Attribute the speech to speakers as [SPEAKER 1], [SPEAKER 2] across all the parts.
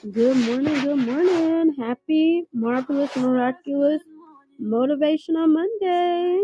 [SPEAKER 1] Good morning, good morning. Happy, marvelous, miraculous, motivational Monday.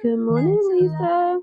[SPEAKER 1] Good morning, Lisa.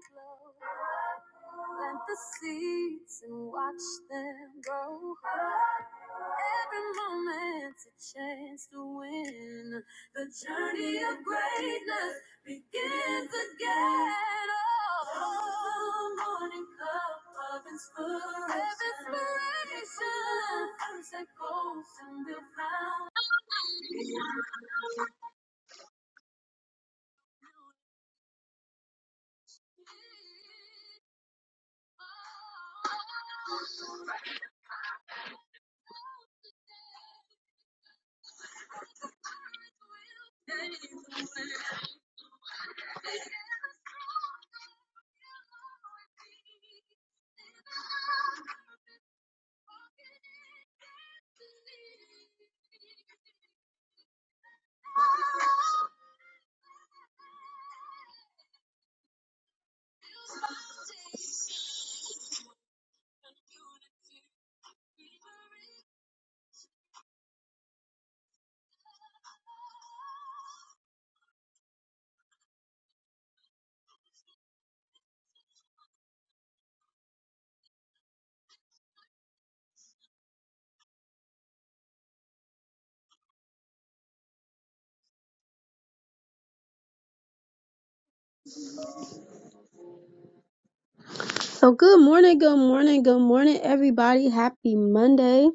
[SPEAKER 1] So, good morning, good morning, good morning, everybody. Happy Monday.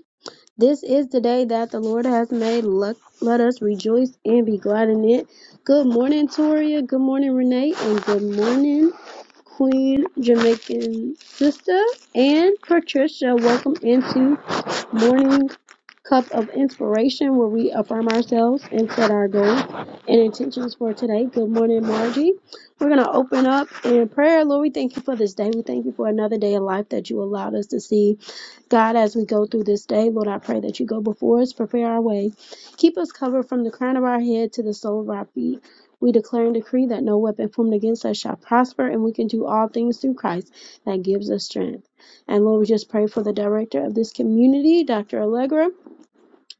[SPEAKER 1] This is the day that the Lord has made. Let, let us rejoice and be glad in it. Good morning, Toria. Good morning, Renee. And good morning, Queen Jamaican sister and Patricia. Welcome into Morning Cup of Inspiration, where we affirm ourselves and set our goals and intentions for today. Good morning, Margie. We're going to open up in prayer. Lord, we thank you for this day. We thank you for another day of life that you allowed us to see. God, as we go through this day, Lord, I pray that you go before us, prepare our way. Keep us covered from the crown of our head to the sole of our feet. We declare and decree that no weapon formed against us shall prosper, and we can do all things through Christ that gives us strength. And Lord, we just pray for the director of this community, Dr. Allegra.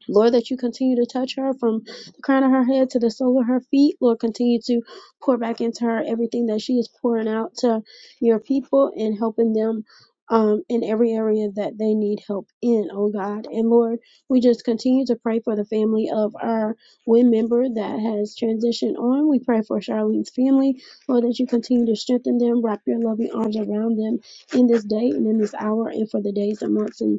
[SPEAKER 1] Lord, that you continue to touch her from the crown of her head to the sole of her feet. Lord, continue to pour back into her everything that she is pouring out to your people and helping them um, in every area that they need help in, oh God. And Lord, we just continue to pray for the family of our WIN member that has transitioned on. We pray for Charlene's family. Lord, that you continue to strengthen them, wrap your loving arms around them in this day and in this hour and for the days and months and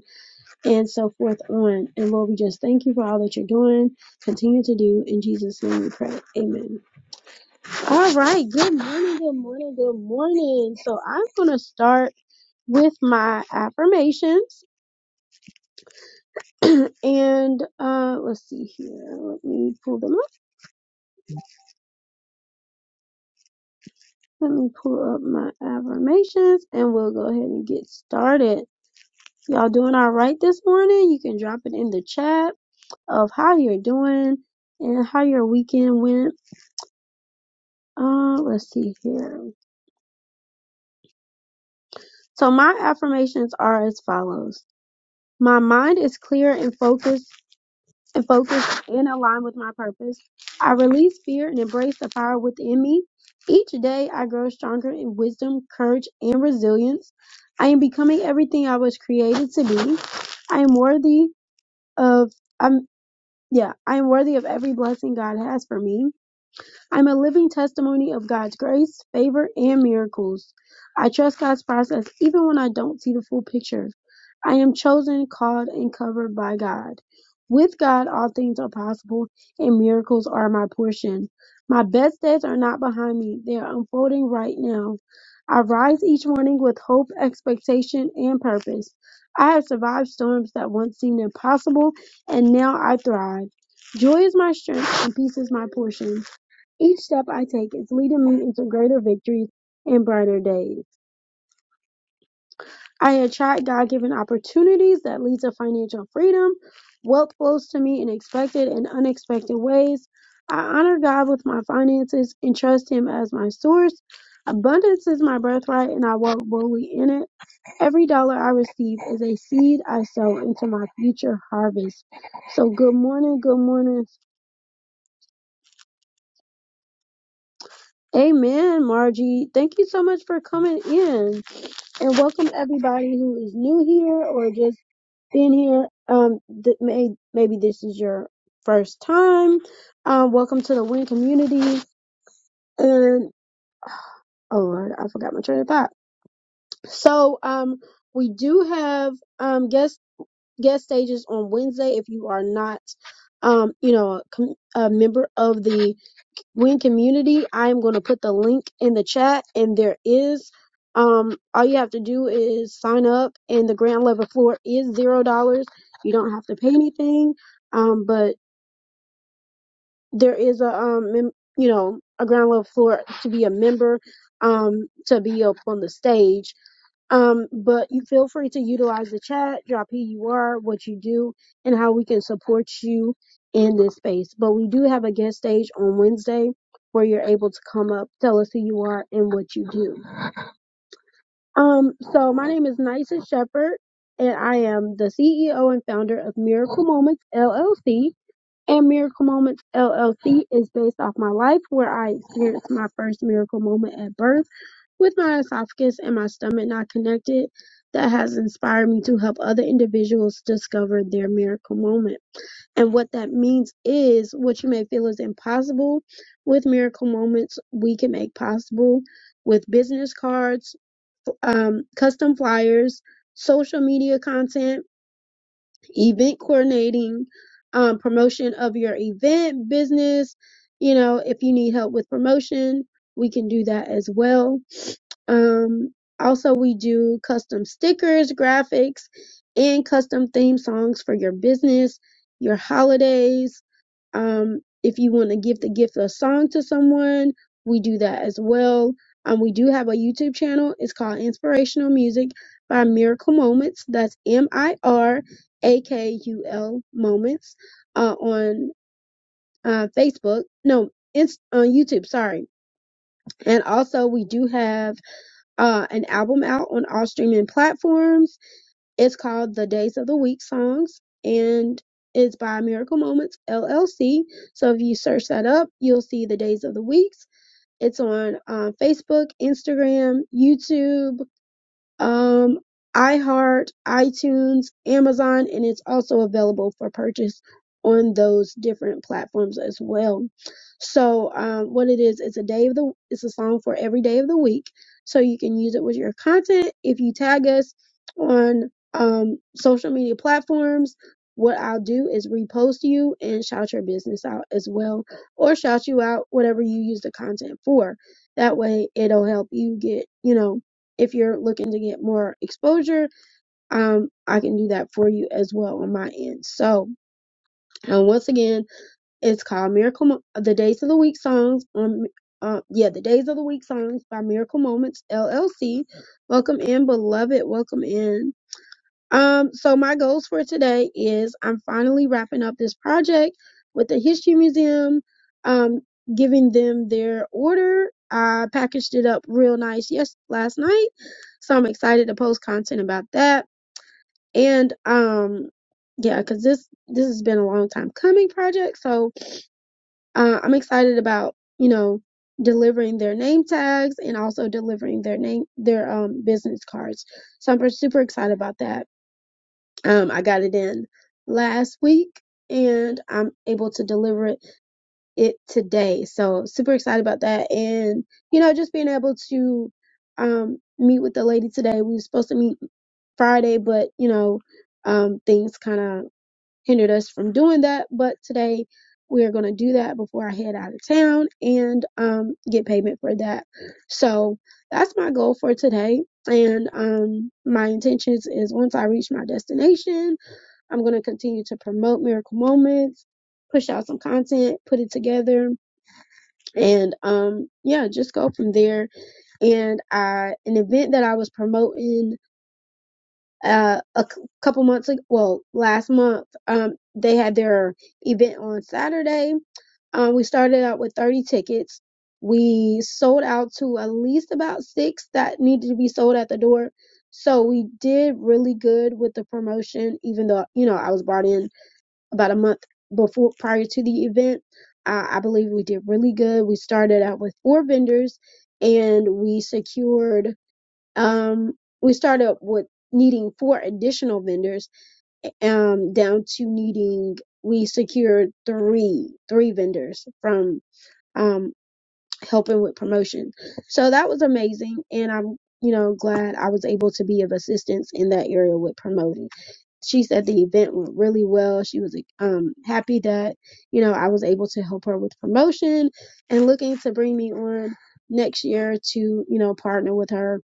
[SPEAKER 1] and so forth on. And Lord, we just thank you for all that you're doing. Continue to do. In Jesus' name we pray. Amen. All right. Good morning. Good morning. Good morning. So I'm going to start with my affirmations. and uh, let's see here. Let me pull them up. Let me pull up my affirmations and we'll go ahead and get started. Y'all doing all right this morning? You can drop it in the chat of how you're doing and how your weekend went Uh, let's see here. So my affirmations are as follows. My mind is clear and focused and focused and aligned with my purpose. I release fear and embrace the power within me. Each day I grow stronger in wisdom, courage, and resilience. I am becoming everything I was created to be. I am worthy of I'm yeah, I am worthy of every blessing God has for me. I'm a living testimony of God's grace, favor, and miracles. I trust God's process even when I don't see the full picture. I am chosen, called, and covered by God. With God, all things are possible, and miracles are my portion. My best days are not behind me, they are unfolding right now. I rise each morning with hope, expectation, and purpose. I have survived storms that once seemed impossible, and now I thrive. Joy is my strength, and peace is my portion. Each step I take is leading me into greater victories and brighter days. I attract God given opportunities that lead to financial freedom. Wealth flows to me in expected and unexpected ways. I honor God with my finances and trust Him as my source. Abundance is my birthright and I walk boldly in it. Every dollar I receive is a seed I sow into my future harvest. So, good morning, good morning. Amen, Margie. Thank you so much for coming in. and welcome everybody who is new here or just been here. Um, th- may- maybe this is your first time. Um, welcome to the Win Community. And oh Lord, I forgot my train of thought. So um, we do have um guest guest stages on Wednesday. If you are not um, you know, a, com- a member of the Win Community. I'm going to put the link in the chat, and there is. Um, all you have to do is sign up, and the grand level floor is zero dollars. You don't have to pay anything. Um, but there is a um, mem- you know, a ground level floor to be a member, um, to be up on the stage. Um, but you feel free to utilize the chat, drop who you are, what you do, and how we can support you in this space. But we do have a guest stage on Wednesday where you're able to come up, tell us who you are and what you do. Um, so my name is Nysa Shepherd and I am the CEO and founder of Miracle Moments LLC and Miracle Moments LLC is based off my life where I experienced my first miracle moment at birth with my esophagus and my stomach not connected that has inspired me to help other individuals discover their miracle moment. And what that means is what you may feel is impossible with miracle moments, we can make possible with business cards, um, custom flyers, social media content event coordinating, um, promotion of your event business. You know, if you need help with promotion, we can do that as well. Um, also, we do custom stickers, graphics, and custom theme songs for your business, your holidays. Um, if you want to give the gift of song to someone, we do that as well. Um, we do have a YouTube channel. It's called Inspirational Music by Miracle Moments. That's M I R A K U L Moments uh, on uh, Facebook. No, it's on YouTube. Sorry. And also, we do have uh, an album out on all streaming platforms. It's called the Days of the Week Songs and it's by Miracle Moments LLC. So if you search that up, you'll see the Days of the Weeks. It's on um, Facebook, Instagram, YouTube, um, iHeart, iTunes, Amazon, and it's also available for purchase on those different platforms as well. So, um, what it is, it's a day of the, it's a song for every day of the week. So you can use it with your content. If you tag us on um, social media platforms, what I'll do is repost you and shout your business out as well, or shout you out, whatever you use the content for. That way, it'll help you get, you know, if you're looking to get more exposure, um, I can do that for you as well on my end. So, uh, once again, it's called Miracle, Mo- the Days of the Week songs on, uh, yeah, the Days of the Week songs by Miracle Moments LLC. Welcome in, beloved. Welcome in. Um, so my goals for today is I'm finally wrapping up this project with the history museum, um, giving them their order. I packaged it up real nice yes last night, so I'm excited to post content about that. And um, yeah, cause this this has been a long time coming project, so uh, I'm excited about you know delivering their name tags and also delivering their name their um business cards. So I'm super excited about that. Um, I got it in last week and I'm able to deliver it, it today. So super excited about that. And, you know, just being able to um, meet with the lady today. We were supposed to meet Friday, but, you know, um, things kind of hindered us from doing that. But today we are going to do that before I head out of town and um, get payment for that. So that's my goal for today. And um, my intentions is once I reach my destination, I'm going to continue to promote Miracle Moments, push out some content, put it together, and um, yeah, just go from there. And I, an event that I was promoting uh, a c- couple months ago, well, last month, um, they had their event on Saturday. Um, we started out with 30 tickets. We sold out to at least about six that needed to be sold at the door. So we did really good with the promotion, even though, you know, I was brought in about a month before prior to the event. Uh, I believe we did really good. We started out with four vendors and we secured um we started up with needing four additional vendors um down to needing we secured three three vendors from um helping with promotion. So that was amazing and I'm you know glad I was able to be of assistance in that area with promoting she said the event went really well. She was like, um happy that you know I was able to help her with promotion and looking to bring me on next year to you know partner with her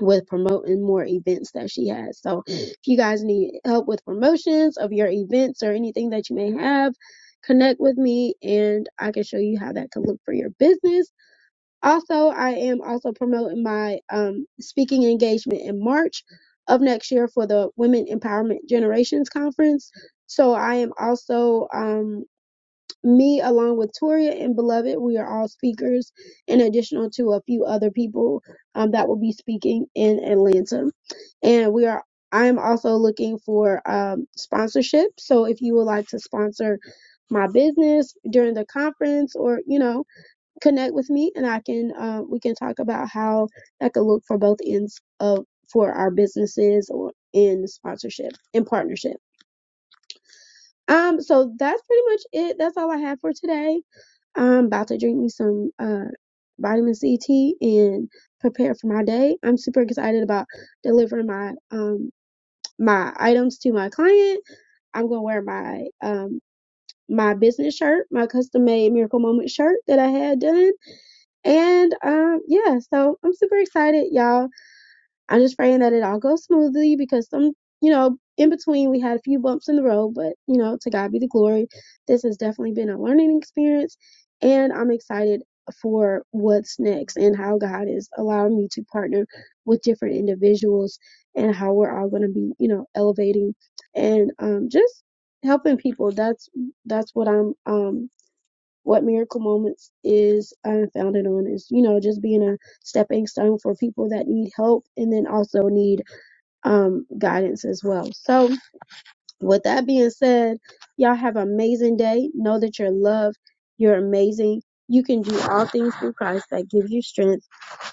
[SPEAKER 1] with promoting more events that she has. So if you guys need help with promotions of your events or anything that you may have, connect with me and I can show you how that could look for your business also, I am also promoting my um, speaking engagement in March of next year for the Women Empowerment Generations Conference. So I am also um, me along with Toria and Beloved. We are all speakers, in addition to a few other people um, that will be speaking in Atlanta and we are i'm also looking for um, sponsorship so if you would like to sponsor my business during the conference or you know connect with me and I can uh, we can talk about how that could look for both ends of for our businesses or in sponsorship and partnership. Um so that's pretty much it. That's all I have for today. I'm about to drink me some uh vitamin C tea and prepare for my day. I'm super excited about delivering my um my items to my client. I'm gonna wear my um my business shirt, my custom made miracle moment shirt that I had done And um, yeah, so I'm super excited, y'all. I'm just praying that it all goes smoothly because some, you know, in between we had a few bumps in the road, but you know, to God be the glory. This has definitely been a learning experience, and I'm excited for what's next and how God is allowing me to partner with different individuals and how we're all going to be, you know, elevating and um, just helping people. That's that's what I'm um what miracle moments is um, founded on is you know just being a stepping stone for people that need help and then also need um, guidance as well so with that being said y'all have an amazing day know that you're loved you're amazing you can do all things through christ that gives you strength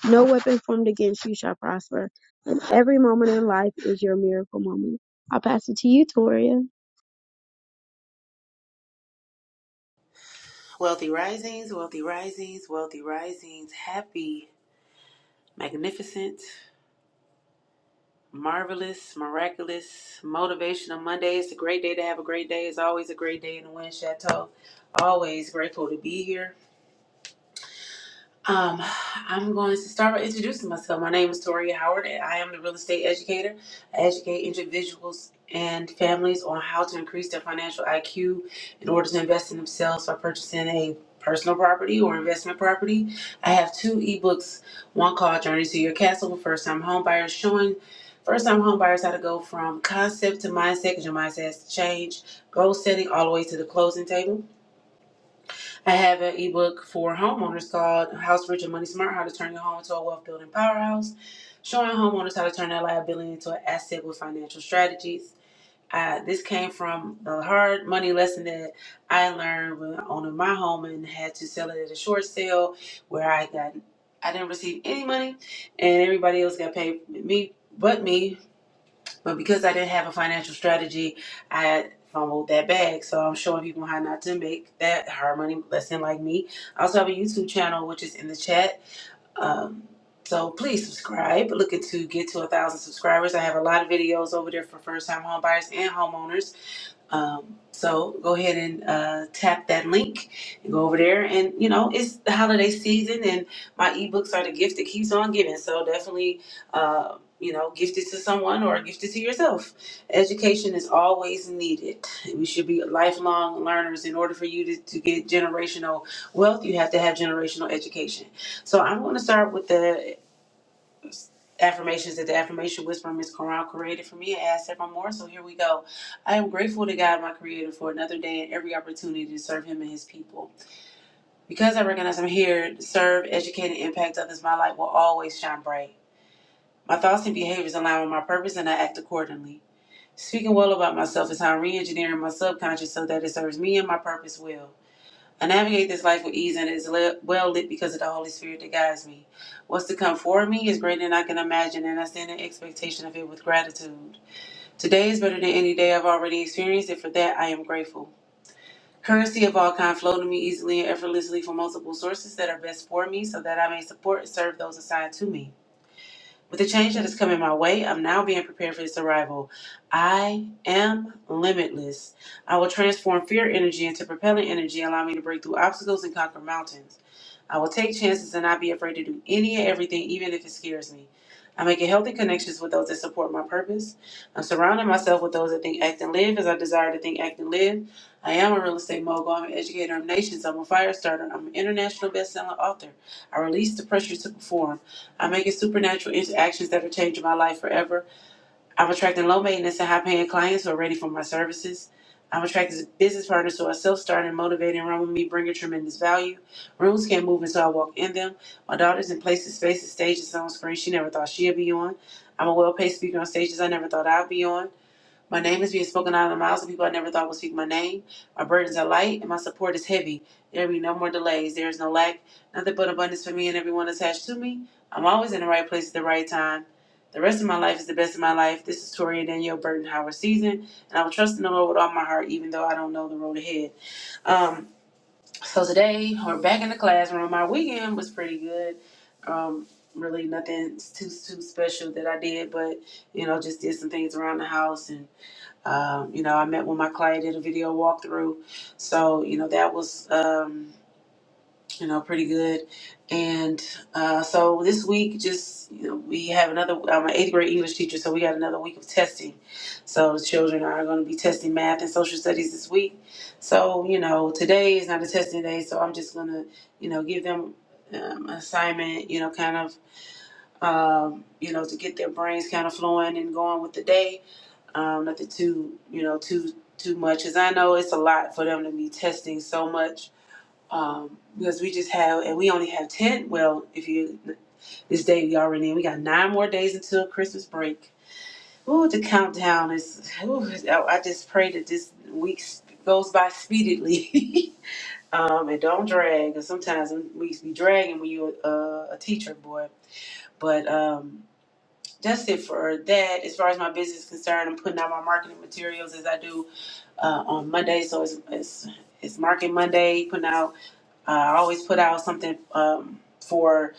[SPEAKER 1] no weapon formed against you shall prosper. And every moment in life is your miracle moment. I'll pass it to you, Toria.
[SPEAKER 2] Wealthy risings, wealthy risings, wealthy risings. Happy, magnificent, marvelous, miraculous, motivational Monday. It's a great day to have a great day. It's always a great day in the Wind Chateau. Always grateful to be here. Um, I'm going to start by introducing myself. My name is Toria Howard, and I am the real estate educator. I educate individuals and families on how to increase their financial IQ in order to invest in themselves by purchasing a personal property or investment property. I have two ebooks, one called Journey to Your Castle for first time home buyers, showing first time home buyers how to go from concept to mindset because your mindset has to change, goal setting all the way to the closing table. I have an ebook for homeowners called House Rich and Money Smart How to Turn Your Home into a Wealth Building Powerhouse, showing homeowners how to turn their liability into an asset with financial strategies. Uh, this came from the hard money lesson that I learned when owning my home and had to sell it at a short sale where I got I didn't receive any money and everybody else got paid me but me but because I didn't have a financial strategy, I fumbled that bag. So I'm showing people how not to make that hard money lesson like me. I also have a YouTube channel, which is in the chat. Um, so please subscribe. Looking to get to a thousand subscribers. I have a lot of videos over there for first time home buyers and homeowners. Um, so go ahead and uh, tap that link and go over there. And you know, it's the holiday season, and my ebooks are the gift that keeps on giving. So definitely, uh, you know, gift it to someone or gift it to yourself. Education is always needed. We should be lifelong learners. In order for you to, to get generational wealth, you have to have generational education. So I'm going to start with the affirmations that the affirmation whisperer Miss Corral created for me. I asked several more, so here we go. I am grateful to God, my Creator, for another day and every opportunity to serve Him and His people. Because I recognize I'm here to serve, educate, and impact others, my light will always shine bright. My thoughts and behaviors align with my purpose, and I act accordingly. Speaking well about myself is how I'm re-engineering my subconscious so that it serves me and my purpose well. I navigate this life with ease and is well lit because of the Holy Spirit that guides me. What's to come for me is greater than I can imagine, and I stand in expectation of it with gratitude. Today is better than any day I've already experienced, and for that I am grateful. Currency of all kind flow to me easily and effortlessly from multiple sources that are best for me so that I may support and serve those assigned to me. With the change that is coming my way, I'm now being prepared for its arrival. I am limitless. I will transform fear energy into propelling energy, allowing me to break through obstacles and conquer mountains. I will take chances and not be afraid to do any and everything, even if it scares me. I'm making healthy connections with those that support my purpose. I'm surrounding myself with those that think, act, and live as I desire to think, act, and live. I am a real estate mogul. I'm an educator of nations. I'm a fire starter. I'm an international best-selling author. I release the pressure to perform. I'm making supernatural interactions that are changing my life forever. I'm attracting low maintenance and high paying clients who are ready for my services. I'm attracting business partners who are self starting, motivated, and run with me, bringing tremendous value. Rooms can't move until I walk in them. My daughter's in places, spaces, stages on screen she never thought she'd be on. I'm a well paid speaker on stages I never thought I'd be on. My name is being spoken out of the mouths of people I never thought would speak my name. My burdens are light and my support is heavy. There will be no more delays. There is no lack, nothing but abundance for me and everyone attached to me. I'm always in the right place at the right time. The rest of my life is the best of my life. This is Tori and Danielle Burton Howard season, and I will trust in the Lord with all my heart, even though I don't know the road ahead. Um, so today we're back in the classroom. My weekend was pretty good. Um, really nothing too too special that I did, but you know, just did some things around the house and. Um, you know, I met when my client did a video walkthrough, so you know that was um, you know pretty good. And uh, so this week, just you know, we have another. I'm an eighth grade English teacher, so we got another week of testing. So the children are going to be testing math and social studies this week. So you know, today is not a testing day, so I'm just gonna you know give them um, assignment. You know, kind of um, you know to get their brains kind of flowing and going with the day um, nothing too you know too too much As i know it's a lot for them to be testing so much um, because we just have and we only have 10 well if you this day we already in we got nine more days until christmas break Ooh, the countdown is ooh, i I just pray that this week goes by speedily um, and don't drag because sometimes them weeks be dragging when you're uh, a teacher boy but um, that's it for that as far as my business is concerned i'm putting out my marketing materials as i do uh, on Monday, so it's, it's it's Market Monday. Putting out, uh, I always put out something um, for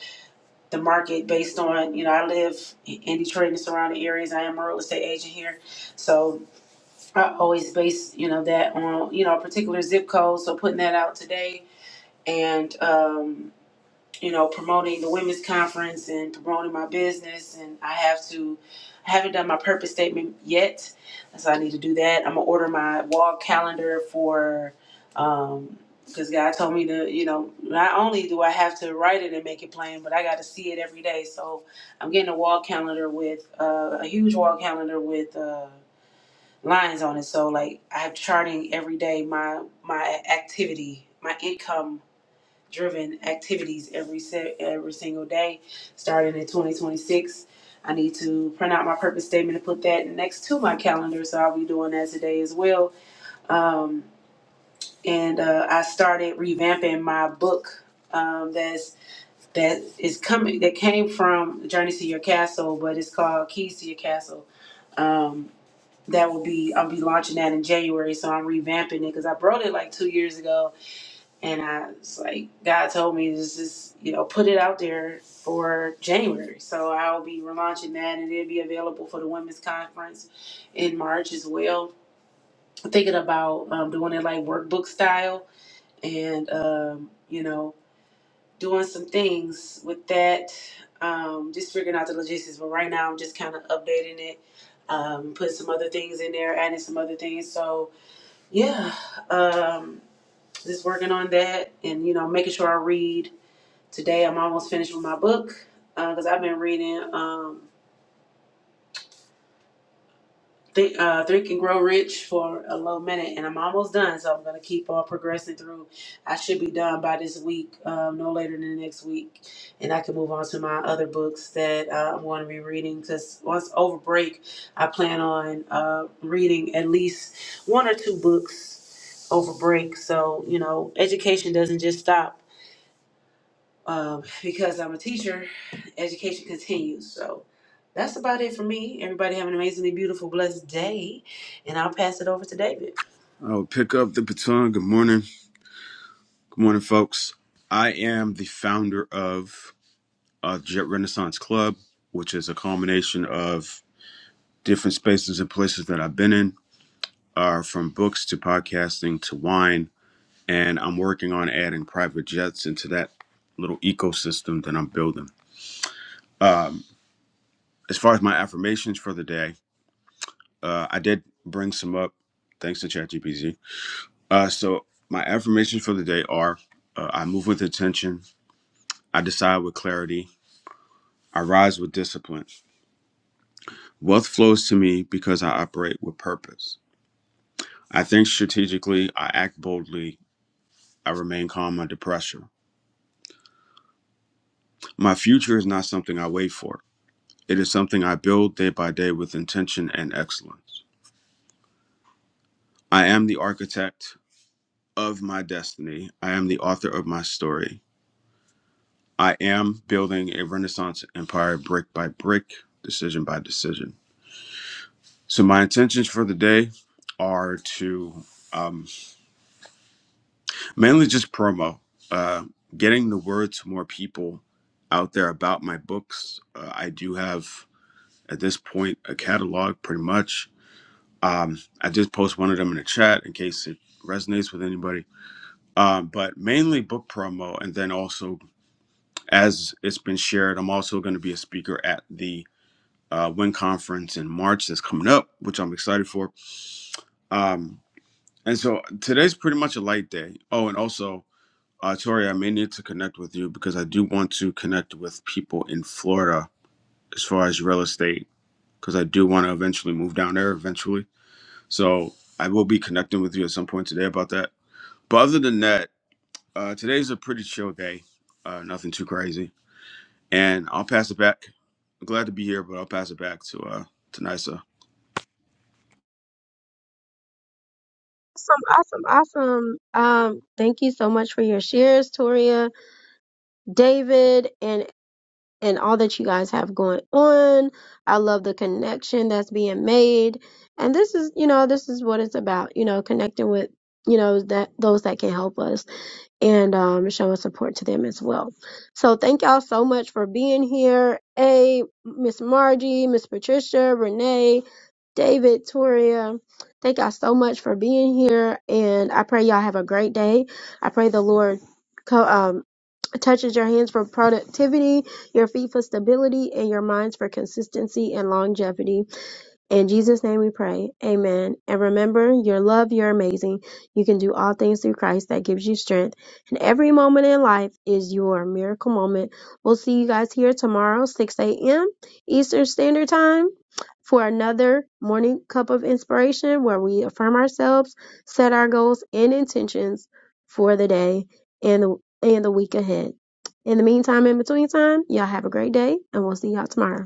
[SPEAKER 2] the market based on you know I live in Detroit and the surrounding areas. I am a real estate agent here, so I always base you know that on you know a particular zip code. So putting that out today and. Um, you know, promoting the women's conference and promoting my business. And I have to, I haven't done my purpose statement yet. So I need to do that. I'm going to order my wall calendar for, um, because God told me to, you know, not only do I have to write it and make it plain, but I got to see it every day. So I'm getting a wall calendar with, uh, a huge wall calendar with, uh, lines on it so like i have charting every day my my activity my income driven activities every se- every single day starting in 2026 i need to print out my purpose statement and put that next to my calendar so i'll be doing that today as well um, and uh, i started revamping my book um, that's that is coming that came from journey to your castle but it's called keys to your castle um, that will be i'll be launching that in january so i'm revamping it because i wrote it like two years ago and I was like, God told me to just, you know, put it out there for January. So I'll be relaunching that and it'll be available for the women's conference in March as well. I'm thinking about um, doing it like workbook style and, um, you know, doing some things with that, um, just figuring out the logistics. But right now I'm just kind of updating it, um, putting some other things in there, adding some other things. So yeah, um, just working on that and, you know, making sure I read Today I'm almost finished with my book because uh, I've been reading um, Think, uh, Think and Grow Rich for a little minute, and I'm almost done. So I'm gonna keep on progressing through. I should be done by this week, um, no later than next week, and I can move on to my other books that uh, I'm going to be reading. Because once over break, I plan on uh, reading at least one or two books over break. So you know, education doesn't just stop. um, because I'm a teacher, education continues. So that's about it for me. Everybody have an amazingly beautiful, blessed day, and I'll pass it over to David.
[SPEAKER 3] I will pick up the baton. Good morning. Good morning, folks. I am the founder of uh, Jet Renaissance Club, which is a combination of different spaces and places that I've been in, uh, from books to podcasting to wine. And I'm working on adding private jets into that little ecosystem that I'm building. As far as my affirmations for the day, uh, I did bring some up thanks to ChatGPT. Uh, so, my affirmations for the day are uh, I move with intention, I decide with clarity. I rise with discipline. Wealth flows to me because I operate with purpose. I think strategically, I act boldly, I remain calm under pressure. My future is not something I wait for, it is something I build day by day with intention and excellence. I am the architect of my destiny, I am the author of my story. I am building a Renaissance empire brick by brick, decision by decision. So, my intentions for the day are to. um, mainly just promo uh, getting the word to more people out there about my books uh, i do have at this point a catalog pretty much um, i just post one of them in the chat in case it resonates with anybody um, but mainly book promo and then also as it's been shared i'm also going to be a speaker at the uh, win conference in march that's coming up which i'm excited for um, and so today's pretty much a light day oh and also Uh, Tori, I may need to connect with you because I do want to connect with people in Florida as far as real estate because I do want to eventually move down there eventually. So I will be connecting with you at some point today about that. But other than that, uh, today's a pretty chill day, uh, nothing too crazy. And I'll pass it back. I'm glad to be here, but I'll pass it back to uh, to Nisa.
[SPEAKER 1] Awesome, awesome, awesome. Um, thank you so much for your shares, Toria, David, and and all that you guys have going on. I love the connection that's being made. And this is, you know, this is what it's about, you know, connecting with, you know, that those that can help us and um, showing support to them as well. So thank y'all so much for being here. A Miss Margie, Miss Patricia, Renee, David, Toria. Thank y'all so much for being here, and I pray y'all have a great day. I pray the Lord co- um, touches your hands for productivity, your feet for stability, and your minds for consistency and longevity. In Jesus' name we pray. Amen. And remember, your love, you're amazing. You can do all things through Christ that gives you strength. And every moment in life is your miracle moment. We'll see you guys here tomorrow, 6 a.m. Eastern Standard Time, for another morning cup of inspiration where we affirm ourselves, set our goals and intentions for the day and the, and the week ahead. In the meantime, in between time, y'all have a great day, and we'll see y'all tomorrow.